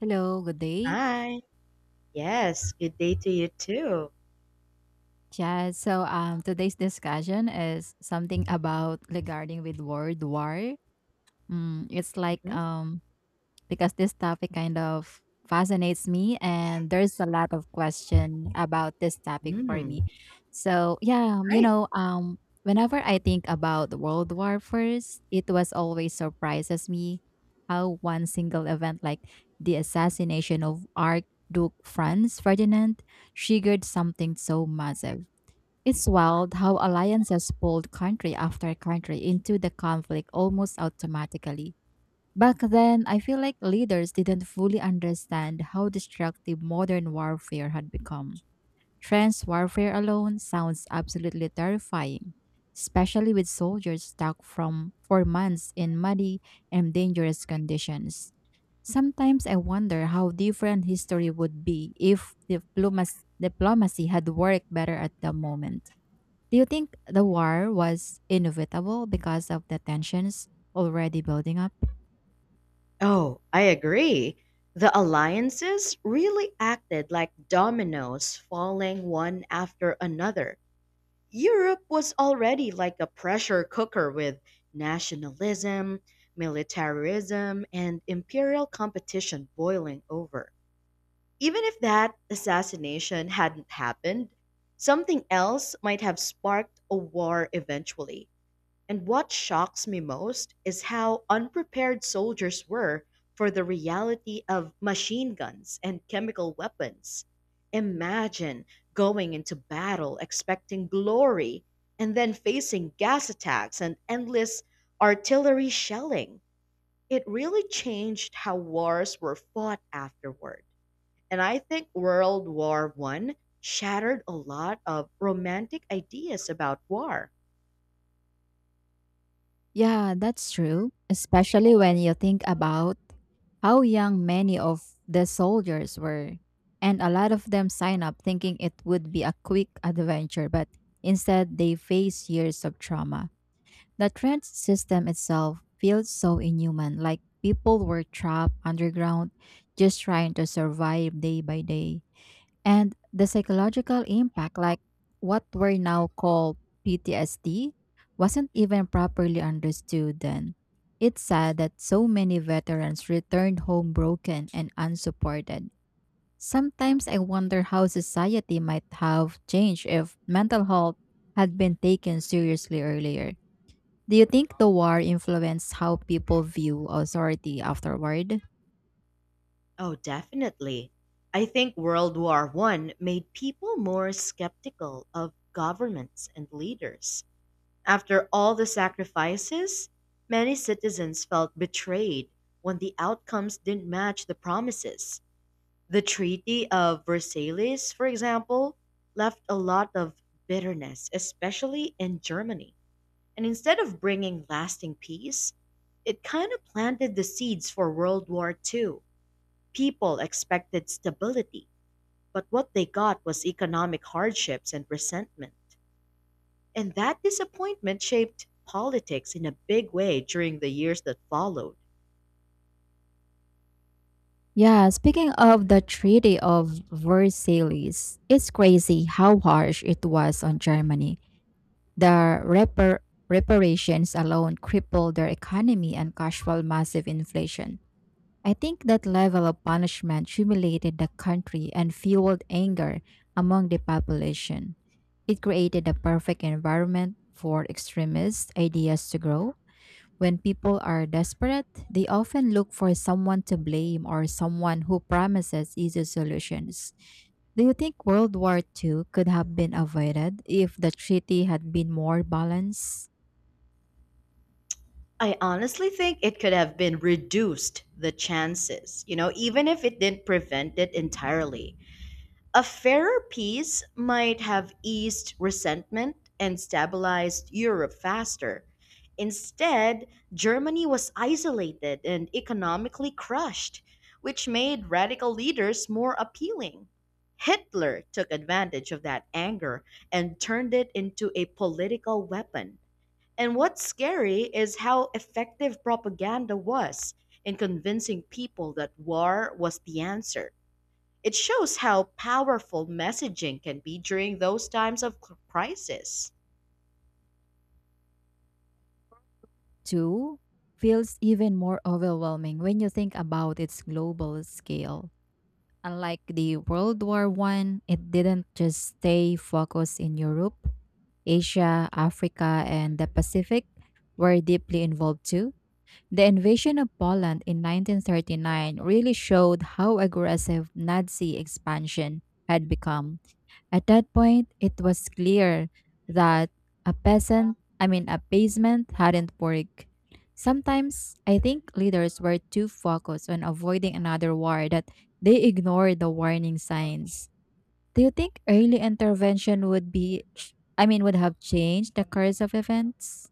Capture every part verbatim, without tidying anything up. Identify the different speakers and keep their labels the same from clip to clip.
Speaker 1: Hello, good day.
Speaker 2: Hi. Yes, good day to you too.
Speaker 1: Yeah, so um, today's discussion is something about regarding with word war. Mm, it's like
Speaker 2: Mhm.
Speaker 1: um, Because this topic kind of fascinates me and there's a lot of question about this topic for
Speaker 2: Mm,
Speaker 1: me. So yeah, um, you
Speaker 2: right.
Speaker 1: know, um whenever I think about World War First, it was always surprises me how one single event like the assassination of Archduke Franz Ferdinand triggered something so massive. It's wild how alliances pulled country after country into the conflict almost automatically. Back then, I feel like leaders didn't fully understand how destructive modern warfare had become. Trench warfare alone sounds absolutely terrifying, especially with soldiers stuck from for months in muddy and dangerous conditions. Sometimes I wonder how different history would be if diplomas- diplomacy had worked better at the moment. Do you think the war was inevitable because of the tensions already building up?
Speaker 2: Oh, I agree. The alliances really acted like dominoes falling one after another. Europe was already like a pressure cooker with nationalism, militarism, and imperial competition boiling over. Even if that assassination hadn't happened, something else might have sparked a war eventually. And what shocks me most is how unprepared soldiers were for the reality of machine guns and chemical weapons. Imagine going into battle expecting glory and then facing gas attacks and endless artillery shelling. It really changed how wars were fought afterward. And I think World War One shattered a lot of romantic ideas about war.
Speaker 1: Yeah, that's true, especially when you think about how young many of the soldiers were. And a lot of them sign up thinking it would be a quick adventure, but instead they face years of trauma. The trench system itself feels so inhuman, like people were trapped underground just trying to survive day by day. And the psychological impact, like what we now call P T S D, wasn't even properly understood then. It's sad that so many veterans returned home broken and unsupported. Sometimes I wonder how society might have changed if mental health had been taken seriously earlier. Do you think the war influenced how people view authority afterward?
Speaker 2: Oh, definitely. I think World War One made people more skeptical of governments and leaders. After all the sacrifices, many citizens felt betrayed when the outcomes didn't match the promises. The Treaty of Versailles, for example, left a lot of bitterness, especially in Germany. And instead of bringing lasting peace, it kind of planted the seeds for World War Two. People expected stability, but what they got was economic hardships and resentment. And that disappointment shaped politics in a big way during the years that followed.
Speaker 1: Yeah, speaking of the Treaty of Versailles, it's crazy how harsh it was on Germany. The repar- reparations alone crippled their economy and caused massive inflation. I think that level of punishment humiliated the country and fueled anger among the population. It created a perfect environment for extremist ideas to grow. When people are desperate, they often look for someone to blame or someone who promises easy solutions. Do you think World War Two could have been avoided if the treaty had been more balanced?
Speaker 2: I honestly think it could have been reduced the chances, you know, even if it didn't prevent it entirely. A fairer peace might have eased resentment and stabilized Europe faster. Instead, Germany was isolated and economically crushed, which made radical leaders more appealing. Hitler took advantage of that anger and turned it into a political weapon. And what's scary is how effective propaganda was in convincing people that war was the answer. It shows how powerful messaging can be during those times of cr- crisis.
Speaker 1: Two feels even more overwhelming when you think about its global scale. Unlike the World War One, it didn't just stay focused in Europe. Asia, Africa, and the Pacific were deeply involved too. The invasion of Poland in nineteen thirty-nine really showed how aggressive Nazi expansion had become. At that point, it was clear that a peasant, I mean, a basement hadn't worked. Sometimes I think leaders were too focused on avoiding another war that they ignored the warning signs. Do you think early intervention would be, I mean, would have changed the course of events?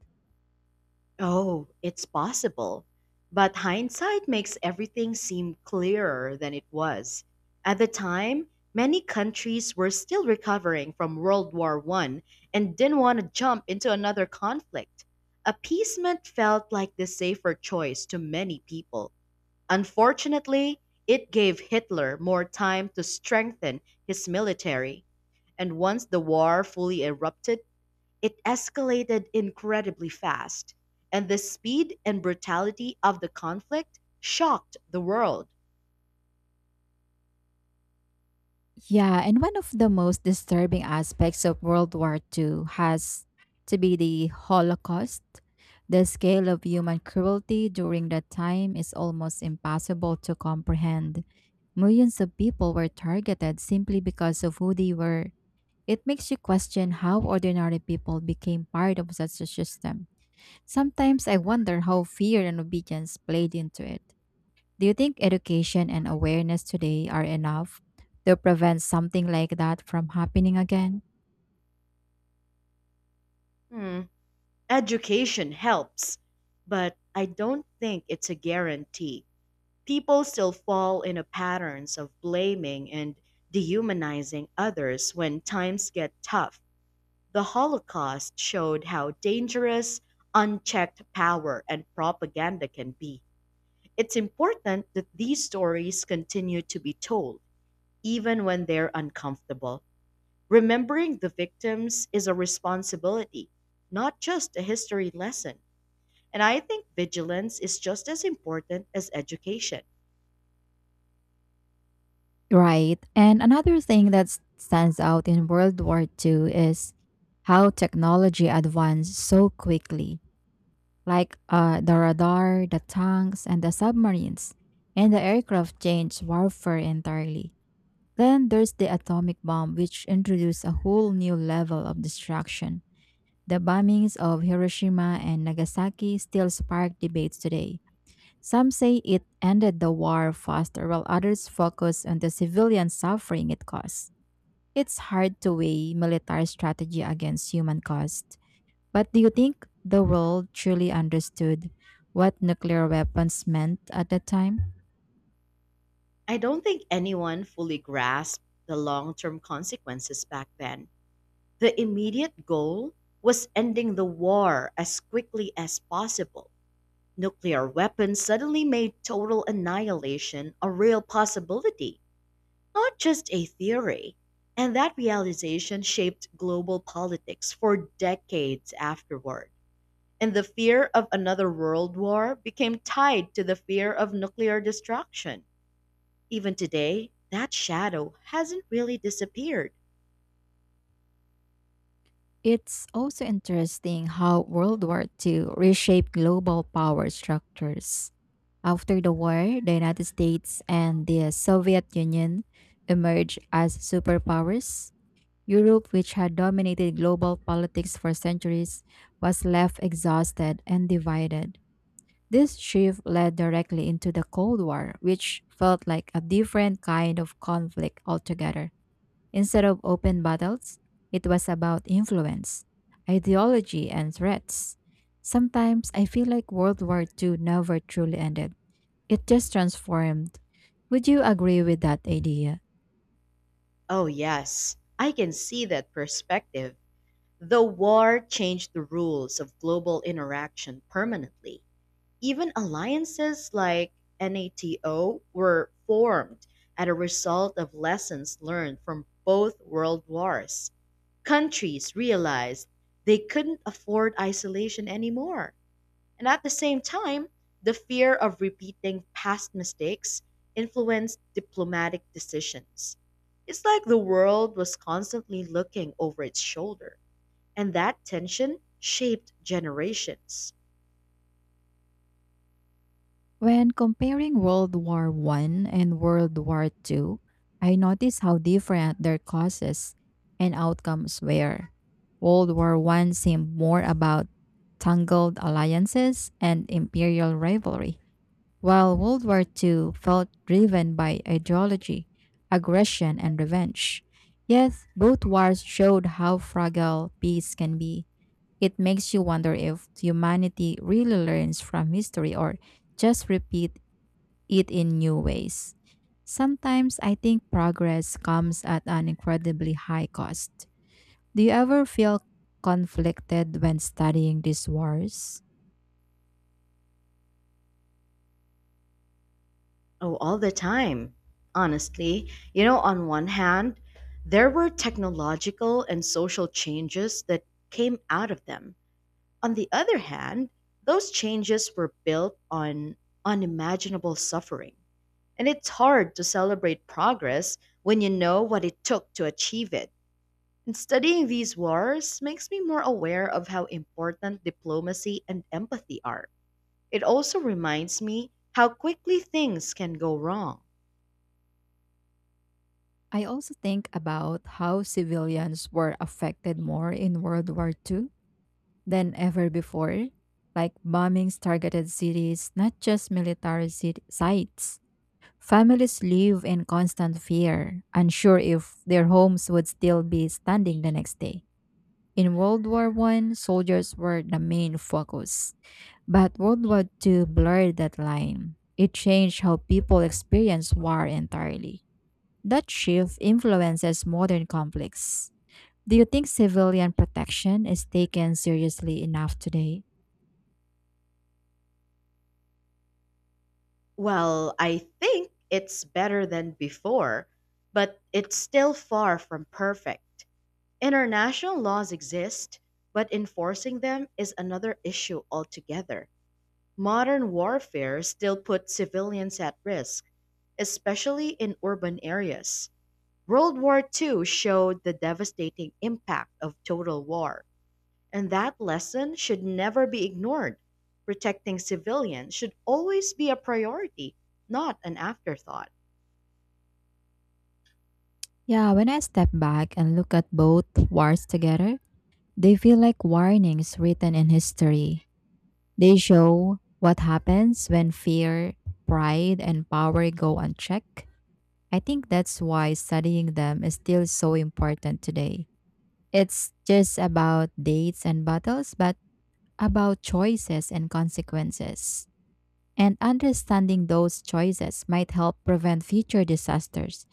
Speaker 2: Oh, it's possible. But hindsight makes everything seem clearer than it was. At the time, many countries were still recovering from World War One and didn't want to jump into another conflict. Appeasement felt like the safer choice to many people. Unfortunately, it gave Hitler more time to strengthen his military. And once the war fully erupted, it escalated incredibly fast. And the speed and brutality of the conflict shocked the world.
Speaker 1: Yeah, and one of the most disturbing aspects of World War Two has to be the Holocaust. The scale of human cruelty during that time is almost impossible to comprehend. Millions of people were targeted simply because of who they were. It makes you question how ordinary people became part of such a system. Sometimes I wonder how fear and obedience played into it. Do you think education and awareness today are enough to prevent something like that from happening again?
Speaker 2: Hmm. Education helps, but I don't think it's a guarantee. People still fall into patterns of blaming and dehumanizing others when times get tough. The Holocaust showed how dangerous unchecked power and propaganda can be. It's important that these stories continue to be told, even when they're uncomfortable. Remembering the victims is a responsibility, not just a history lesson. And I think vigilance is just as important as education.
Speaker 1: Right. And another thing that s- stands out in World War Two is how technology advanced so quickly, like uh, the radar, the tanks, and the submarines. And the aircraft changed warfare entirely. Then there's the atomic bomb, which introduced a whole new level of destruction. The bombings of Hiroshima and Nagasaki still spark debates today. Some say it ended the war faster, while others focus on the civilian suffering it caused. It's hard to weigh military strategy against human cost. But do you think the world truly understood what nuclear weapons meant at that time?
Speaker 2: I don't think anyone fully grasped the long term consequences back then. The immediate goal was ending the war as quickly as possible. Nuclear weapons suddenly made total annihilation a real possibility, not just a theory. And that realization shaped global politics for decades afterward. And the fear of another world war became tied to the fear of nuclear destruction. Even today, that shadow hasn't really disappeared.
Speaker 1: It's also interesting how World War Two reshaped global power structures. After the war, the United States and the Soviet Union emerged as superpowers. Europe, which had dominated global politics for centuries, was left exhausted and divided. This shift led directly into the Cold War, which felt like a different kind of conflict altogether. Instead of open battles, it was about influence, ideology, and threats. Sometimes I feel like World War Two never truly ended, it just transformed. Would you agree with that idea?
Speaker 2: Oh, yes, I can see that perspective. The war changed the rules of global interaction permanently. Even alliances like NATO were formed as a result of lessons learned from both world wars. Countries realized they couldn't afford isolation anymore. And at the same time, the fear of repeating past mistakes influenced diplomatic decisions. It's like the world was constantly looking over its shoulder, and that tension shaped generations.
Speaker 1: When comparing World War One and World War Two, I noticed how different their causes and outcomes were. World War One seemed more about tangled alliances and imperial rivalry, while World War Two felt driven by ideology, aggression, and revenge. Yet, both wars showed how fragile peace can be. It makes you wonder if humanity really learns from history or just repeat it in new ways. Sometimes I think progress comes at an incredibly high cost. Do you ever feel conflicted when studying these wars?
Speaker 2: Oh, all the time. Honestly, you know, on one hand, there were technological and social changes that came out of them. On the other hand, those changes were built on unimaginable suffering. And it's hard to celebrate progress when you know what it took to achieve it. And studying these wars makes me more aware of how important diplomacy and empathy are. It also reminds me how quickly things can go wrong.
Speaker 1: I also think about how civilians were affected more in World War Two than ever before. Like bombings targeted cities, not just military cit- sites. Families live in constant fear, unsure if their homes would still be standing the next day. In World War One, soldiers were the main focus, but World War Two blurred that line. It changed how people experience war entirely. That shift influences modern conflicts. Do you think civilian protection is taken seriously enough today?
Speaker 2: Well, I think it's better than before, but it's still far from perfect. International laws exist, but enforcing them is another issue altogether. Modern warfare still puts civilians at risk, especially in urban areas. World War two showed the devastating impact of total war. And that lesson should never be ignored. Protecting civilians should always be a priority, not an afterthought.
Speaker 1: Yeah, when I step back and look at both wars together, they feel like warnings written in history. They show what happens when fear, pride, and power go unchecked. I think that's why studying them is still so important today. It's just about dates and battles, but about choices and consequences. And understanding those choices might help prevent future disasters.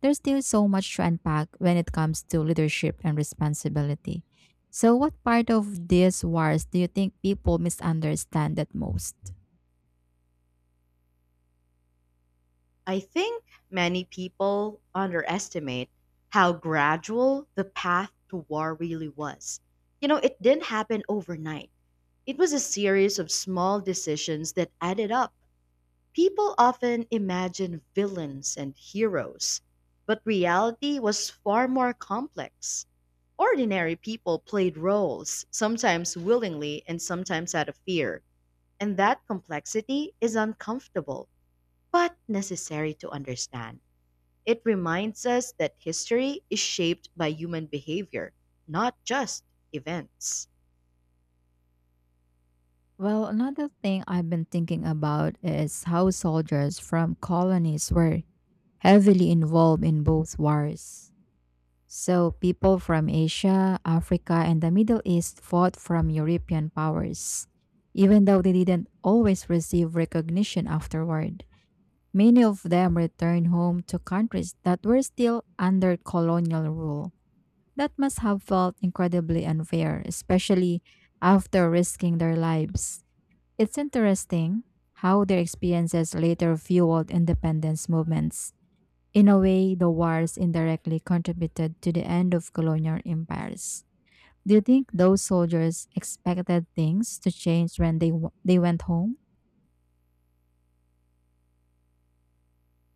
Speaker 1: There's still so much to unpack when it comes to leadership and responsibility. So, what part of these wars do you think people misunderstand that most?
Speaker 2: I think many people underestimate how gradual the path to war really was. You know, it didn't happen overnight, it was a series of small decisions that added up. People often imagine villains and heroes, but reality was far more complex. Ordinary people played roles, sometimes willingly and sometimes out of fear, and that complexity is uncomfortable, but necessary to understand. It reminds us that history is shaped by human behavior, not just events.
Speaker 1: Well, another thing I've been thinking about is how soldiers from colonies were heavily involved in both wars. So, people from Asia, Africa, and the Middle East fought from European powers, even though they didn't always receive recognition afterward. Many of them returned home to countries that were still under colonial rule. That must have felt incredibly unfair, especially after risking their lives. It's interesting how their experiences later fueled independence movements. In a way, the wars indirectly contributed to the end of colonial empires. Do you think those soldiers expected things to change when they w- they went home?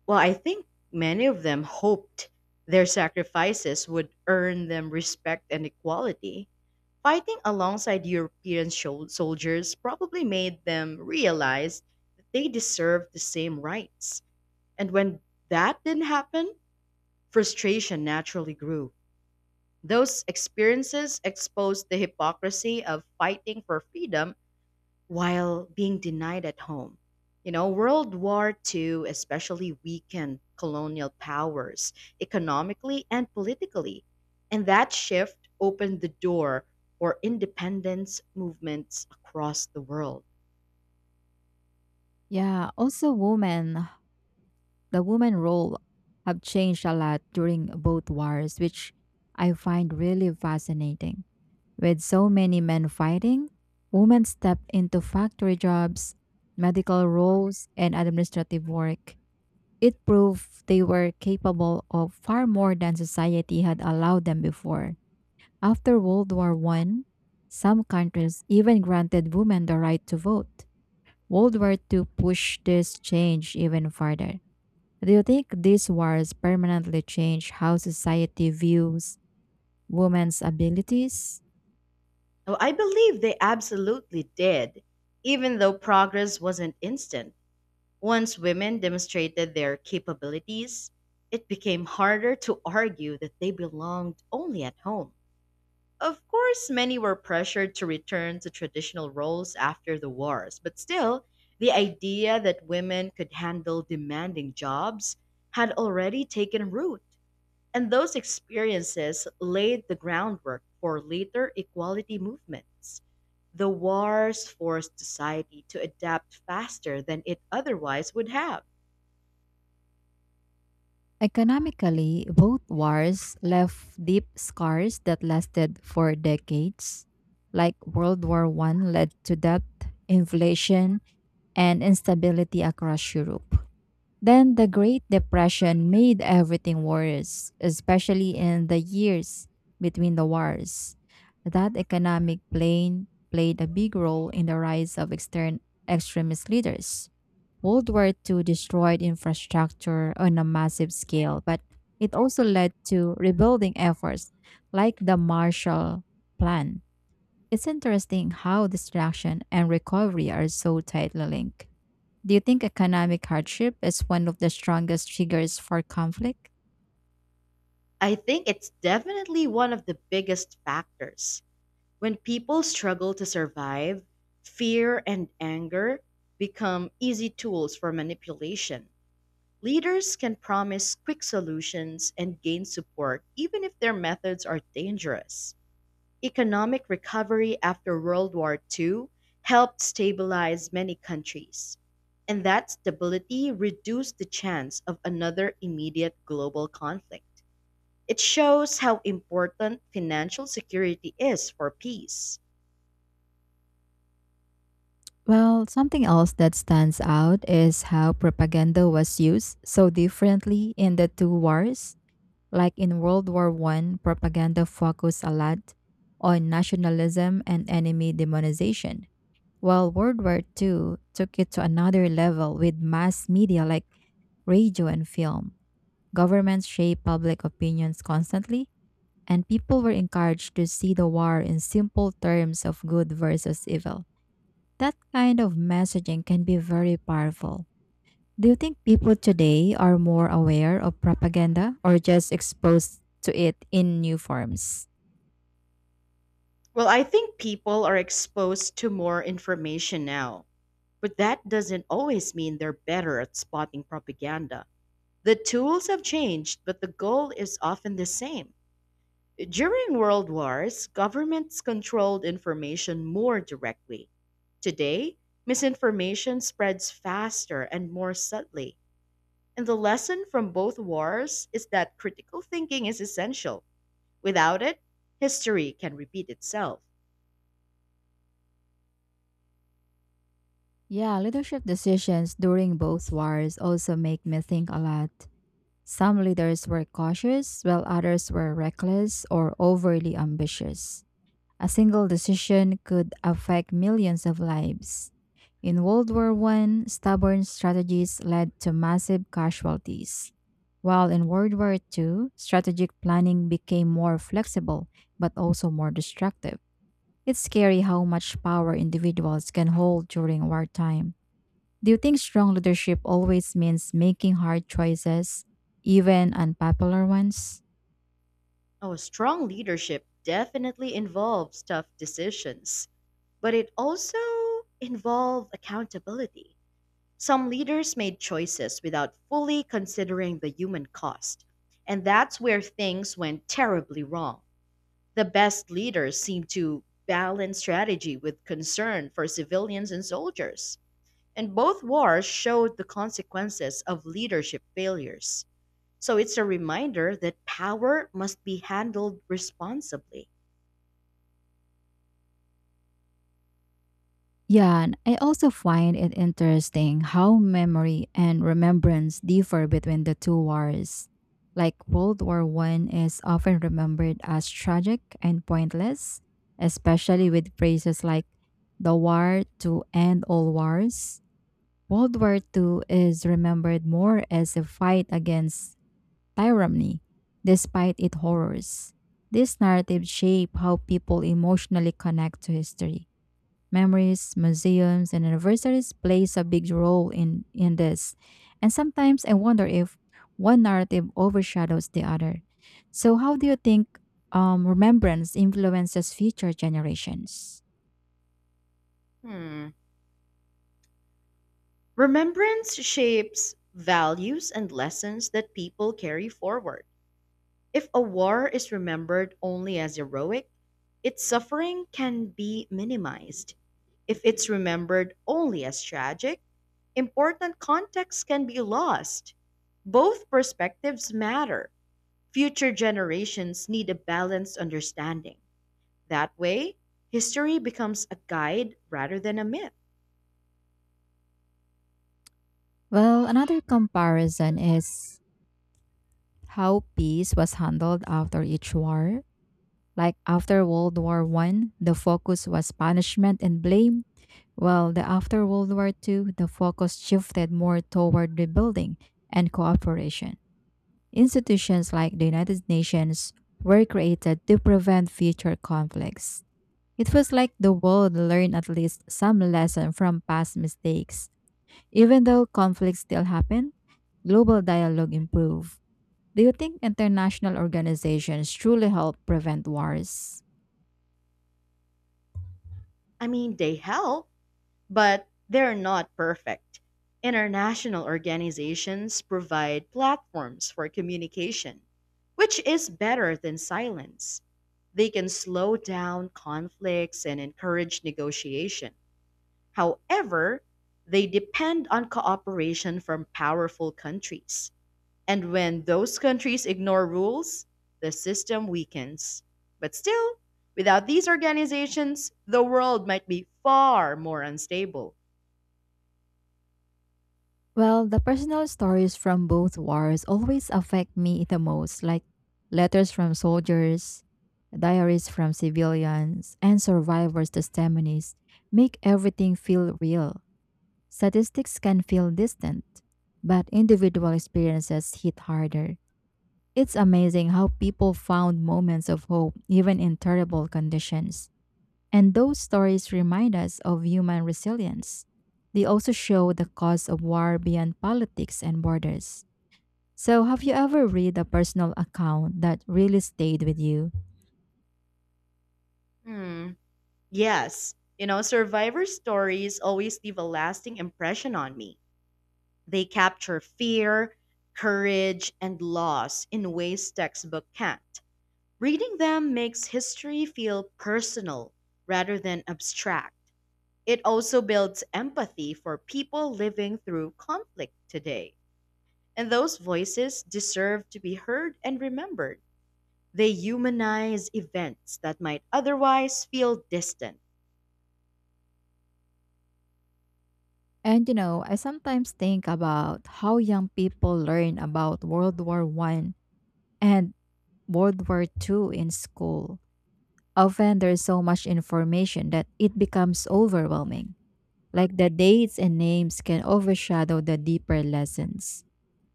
Speaker 2: Well, I think many of them hoped their sacrifices would earn them respect and equality. Fighting alongside European shol- soldiers probably made them realize that they deserved the same rights. And when that didn't happen, frustration naturally grew. Those experiences exposed the hypocrisy of fighting for freedom while being denied at home. You know, World War two especially weakened colonial powers economically and politically, and that shift opened the door for independence movements across the world.
Speaker 1: Yeah, also women, the women role have changed a lot during both wars, which I find really fascinating. With so many men fighting, women stepped into factory jobs, medical roles, and administrative work. It proved they were capable of far more than society had allowed them before. After World War One, some countries even granted women the right to vote. World War Two pushed this change even further. Do you think these wars permanently change how society views women's abilities?
Speaker 2: Now, I believe they absolutely did, even though progress wasn't instant. Once women demonstrated their capabilities, it became harder to argue that they belonged only at home. Of course, many were pressured to return to traditional roles after the wars, but still, the idea that women could handle demanding jobs had already taken root, and those experiences laid the groundwork for later equality movements. The wars forced society to adapt faster than it otherwise would have.
Speaker 1: Economically, both wars left deep scars that lasted for decades. Like World War One led to debt, inflation, and instability across Europe. Then the Great Depression made everything worse, especially in the years between the wars. That economic plane played a big role in the rise of extern extremist leaders. World War Two destroyed infrastructure on a massive scale, but it also led to rebuilding efforts like the Marshall Plan. It's interesting how destruction and recovery are so tightly linked. Do you think economic hardship is one of the strongest triggers for conflict?
Speaker 2: I think it's definitely one of the biggest factors. When people struggle to survive, fear and anger become easy tools for manipulation. Leaders can promise quick solutions and gain support even if their methods are dangerous. Economic recovery after World War two helped stabilize many countries, and that stability reduced the chance of another immediate global conflict. It shows how important financial security is for peace.
Speaker 1: Well, something else that stands out is how propaganda was used so differently in the two wars. Like in World War One, propaganda focused a lot on nationalism and enemy demonization, while World War Two took it to another level with mass media like radio and film. Governments shape public opinions constantly, and people were encouraged to see the war in simple terms of good versus evil. That kind of messaging can be very powerful. Do you think people today are more aware of propaganda or just exposed to it in new forms?
Speaker 2: Well, I think people are exposed to more information now, but that doesn't always mean they're better at spotting propaganda. The tools have changed, but the goal is often the same. During world wars, governments controlled information more directly. Today, misinformation spreads faster and more subtly. And the lesson from both wars is that critical thinking is essential. Without it, history can repeat itself.
Speaker 1: Yeah, leadership decisions during both wars also make me think a lot. Some leaders were cautious, while others were reckless or overly ambitious. A single decision could affect millions of lives. In World War One, stubborn strategies led to massive casualties, while in World War Two, strategic planning became more flexible but also more destructive. It's scary how much power individuals can hold during wartime. Do you think strong leadership always means making hard choices, even unpopular ones?
Speaker 2: Oh, strong leadership definitely involves tough decisions, but it also involves accountability. Some leaders made choices without fully considering the human cost, and that's where things went terribly wrong. The best leaders seem to balance strategy with concern for civilians and soldiers, and both wars showed the consequences of leadership failures. So it's a reminder that power must be handled responsibly.
Speaker 1: Yeah, and I also find it interesting how memory and remembrance differ between the two wars. Like World War One is often remembered as tragic and pointless, especially with phrases like the war to end all wars. World War Two is remembered more as a fight against tyranny, despite its horrors. This narrative shaped how people emotionally connect to history. Memories, museums, and anniversaries plays a big role in, in this. And sometimes I wonder if one narrative overshadows the other. So how do you think um, remembrance influences future generations?
Speaker 2: Hmm. Remembrance shapes values and lessons that people carry forward. If a war is remembered only as heroic, its suffering can be minimized. If it's remembered only as tragic, important context can be lost. Both perspectives matter. Future generations need a balanced understanding. That way, history becomes a guide rather than a myth.
Speaker 1: Well, another comparison is how peace was handled after each war. Like after World War One, the focus was punishment and blame. While the after World War Two, the focus shifted more toward rebuilding and cooperation. Institutions like the United Nations were created to prevent future conflicts. It feels like the world learned at least some lesson from past mistakes. Even though conflicts still happen, global dialogue improved. Do you think international organizations truly help prevent wars?
Speaker 2: I mean, they help, but they're not perfect. International organizations provide platforms for communication, which is better than silence. They can slow down conflicts and encourage negotiation. However, they depend on cooperation from powerful countries. And when those countries ignore rules, the system weakens. But still, without these organizations, the world might be far more unstable.
Speaker 1: Well, the personal stories from both wars always affect me the most, like letters from soldiers, diaries from civilians, and survivors' testimonies make everything feel real. Statistics can feel distant, but individual experiences hit harder. It's amazing how people found moments of hope even in terrible conditions. And those stories remind us of human resilience. They also show the cause of war beyond politics and borders. So, have you ever read a personal account that really stayed with you?
Speaker 2: Hmm. Yes. You know, survivor stories always leave a lasting impression on me. They capture fear, courage, and loss in ways textbook can't. Reading them makes history feel personal rather than abstract. It also builds empathy for people living through conflict today. And those voices deserve to be heard and remembered. They humanize events that might otherwise feel distant.
Speaker 1: And you know, I sometimes think about how young people learn about World War One and World War Two in school. Often there is so much information that it becomes overwhelming. Like the dates and names can overshadow the deeper lessons.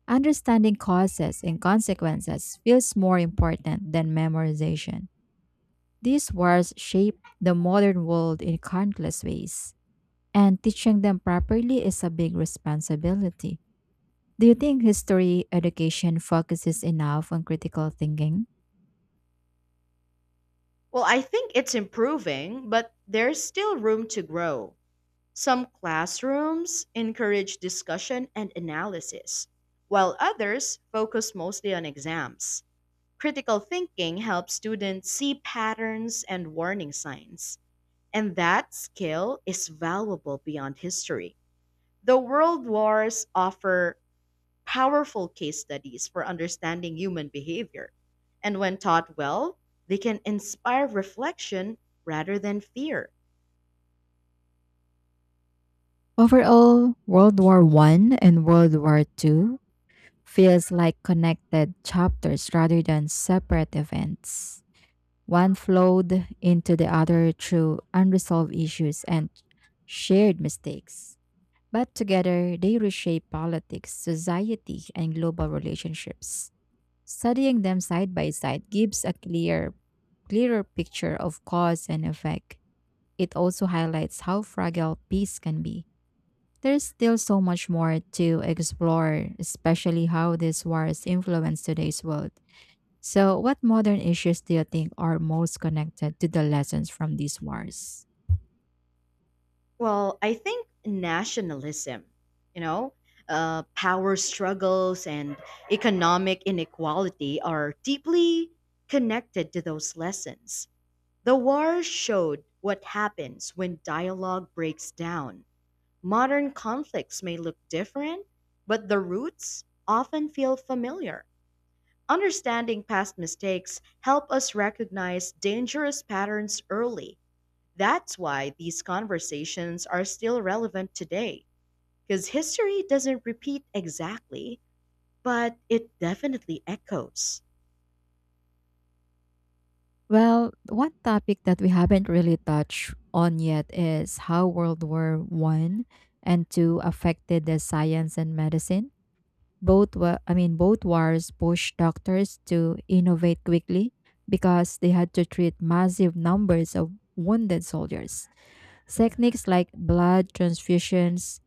Speaker 1: Understanding causes and consequences feels more important than memorization. These words shape the modern world in countless ways, and teaching them properly is a big responsibility. Do you think history education focuses enough on critical thinking?
Speaker 2: Well, I think it's improving, but there's still room to grow. Some classrooms encourage discussion and analysis, while others focus mostly on exams. Critical thinking helps students see patterns and warning signs, and that skill is valuable beyond history. The world wars offer powerful case studies for understanding human behavior. And when taught well, they can inspire reflection rather than fear.
Speaker 1: Overall, World War One and World War Two feels like connected chapters rather than separate events. One flowed into the other through unresolved issues and shared mistakes. But together, they reshape politics, society, and global relationships. Studying them side by side gives a clear, clearer picture of cause and effect. It also highlights how fragile peace can be. There's still so much more to explore, especially how these wars influence today's world. So, what modern issues do you think are most connected to the lessons from these wars?
Speaker 2: Well, I think nationalism, you know, uh, power struggles and economic inequality are deeply connected to those lessons. The war showed what happens when dialogue breaks down. Modern conflicts may look different, but the roots often feel familiar. Understanding past mistakes help us recognize dangerous patterns early. That's why these conversations are still relevant today because history doesn't repeat exactly, but it definitely echoes.
Speaker 1: Well, one topic that we haven't really touched on yet is how World War One and Two affected the science and medicine. Both were, I mean, both wars pushed doctors to innovate quickly because they had to treat massive numbers of wounded soldiers. Techniques like blood transfusions,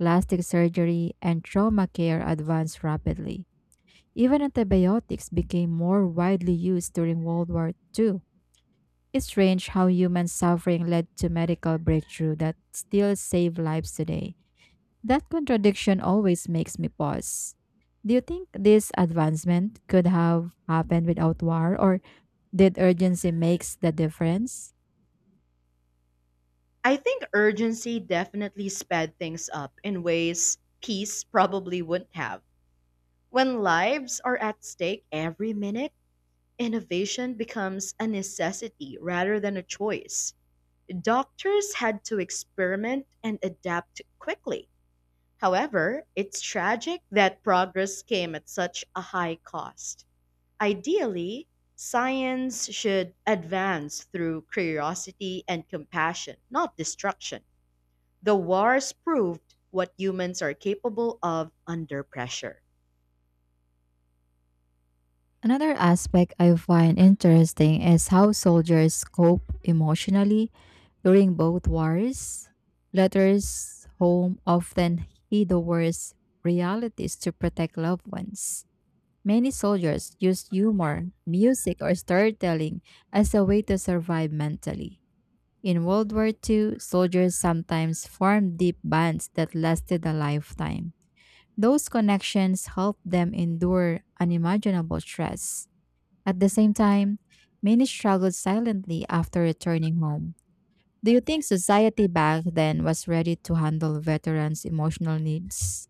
Speaker 1: plastic surgery, and trauma care advanced rapidly. Even antibiotics became more widely used during World War Two. It's strange how human suffering led to medical breakthrough that still save lives today. That contradiction always makes me pause. Do you think this advancement could have happened without war, or did urgency makes the difference?
Speaker 2: I think urgency definitely sped things up in ways peace probably wouldn't have. When lives are at stake every minute, innovation becomes a necessity rather than a choice. Doctors had to experiment and adapt quickly. However, it's tragic that progress came at such a high cost. Ideally, science should advance through curiosity and compassion, not destruction. The wars proved what humans are capable of under pressure.
Speaker 1: Another aspect I find interesting is how soldiers cope emotionally during both wars. Letters home often hid the worst realities to protect loved ones. Many soldiers use humor, music, or storytelling as a way to survive mentally. In World War Two, soldiers sometimes formed deep bonds that lasted a lifetime. Those connections helped them endure unimaginable stress. At the same time, many struggled silently after returning home. Do you think society back then was ready to handle veterans' emotional needs?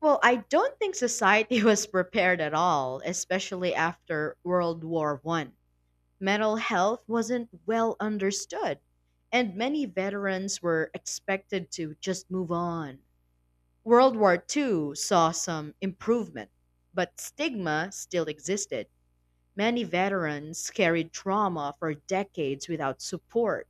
Speaker 2: Well, I don't think society was prepared at all, especially after World War One. Mental health wasn't well understood, and many veterans were expected to just move on. World War two saw some improvement, but stigma still existed. Many veterans carried trauma for decades without support,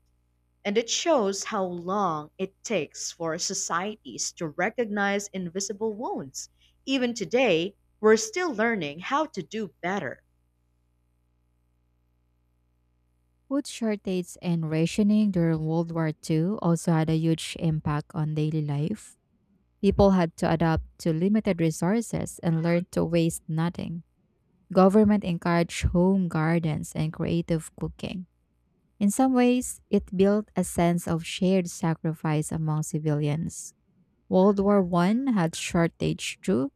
Speaker 2: and it shows how long it takes for societies to recognize invisible wounds. Even today, we're still learning how to do better.
Speaker 1: Food shortages and rationing during World War Two also had a huge impact on daily life. People had to adapt to limited resources and learn to waste nothing. Government encouraged home gardens and creative cooking. In some ways, it built a sense of shared sacrifice among civilians. World War One had shortage too,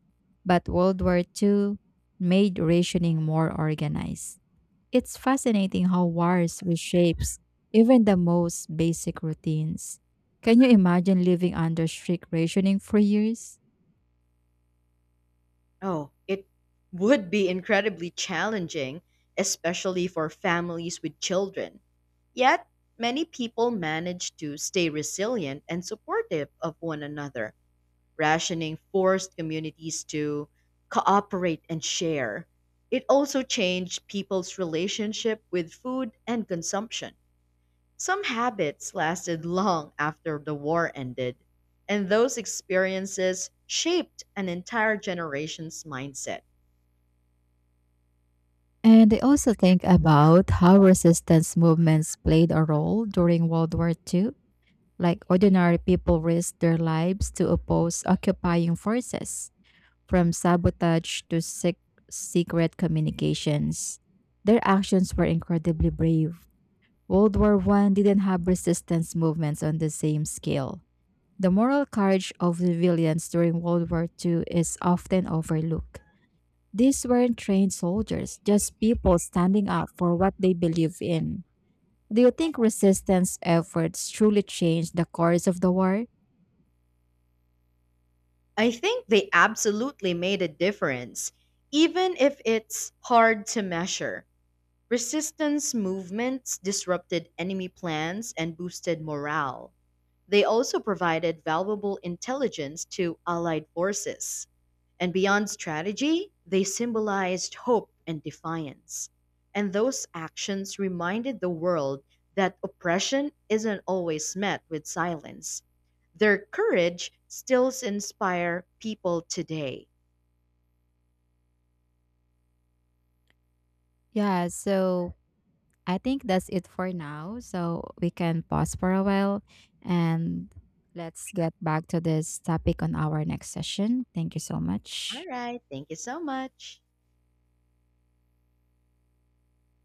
Speaker 1: but World War Two made rationing more organized. It's fascinating how wars reshapes even the most basic routines. Can you imagine living under strict rationing for years?
Speaker 2: Oh, it would be incredibly challenging, especially for families with children. Yet, many people manage to stay resilient and supportive of one another. Rationing forced communities to cooperate and share. It also changed people's relationship with food and consumption. Some habits lasted long after the war ended, and those experiences shaped an entire generation's mindset.
Speaker 1: And I also think about how resistance movements played a role during World War Two. Like ordinary people risked their lives to oppose occupying forces. From sabotage to sec- secret communications, their actions were incredibly brave. World War One didn't have resistance movements on the same scale. The moral courage of the civilians during World War Two is often overlooked. These weren't trained soldiers, just people standing up for what they believe in. Do you think resistance efforts truly changed the course of the war?
Speaker 2: I think they absolutely made a difference, even if it's hard to measure. Resistance movements disrupted enemy plans and boosted morale. They also provided valuable intelligence to Allied forces. And beyond strategy, they symbolized hope and defiance. And those actions reminded the world that oppression isn't always met with silence. Their courage still inspires people today.
Speaker 1: Yeah, so I think that's it for now. So we can pause for a while and let's get back to this topic on our next session. Thank you so
Speaker 2: All
Speaker 1: much.
Speaker 2: right, thank you so much.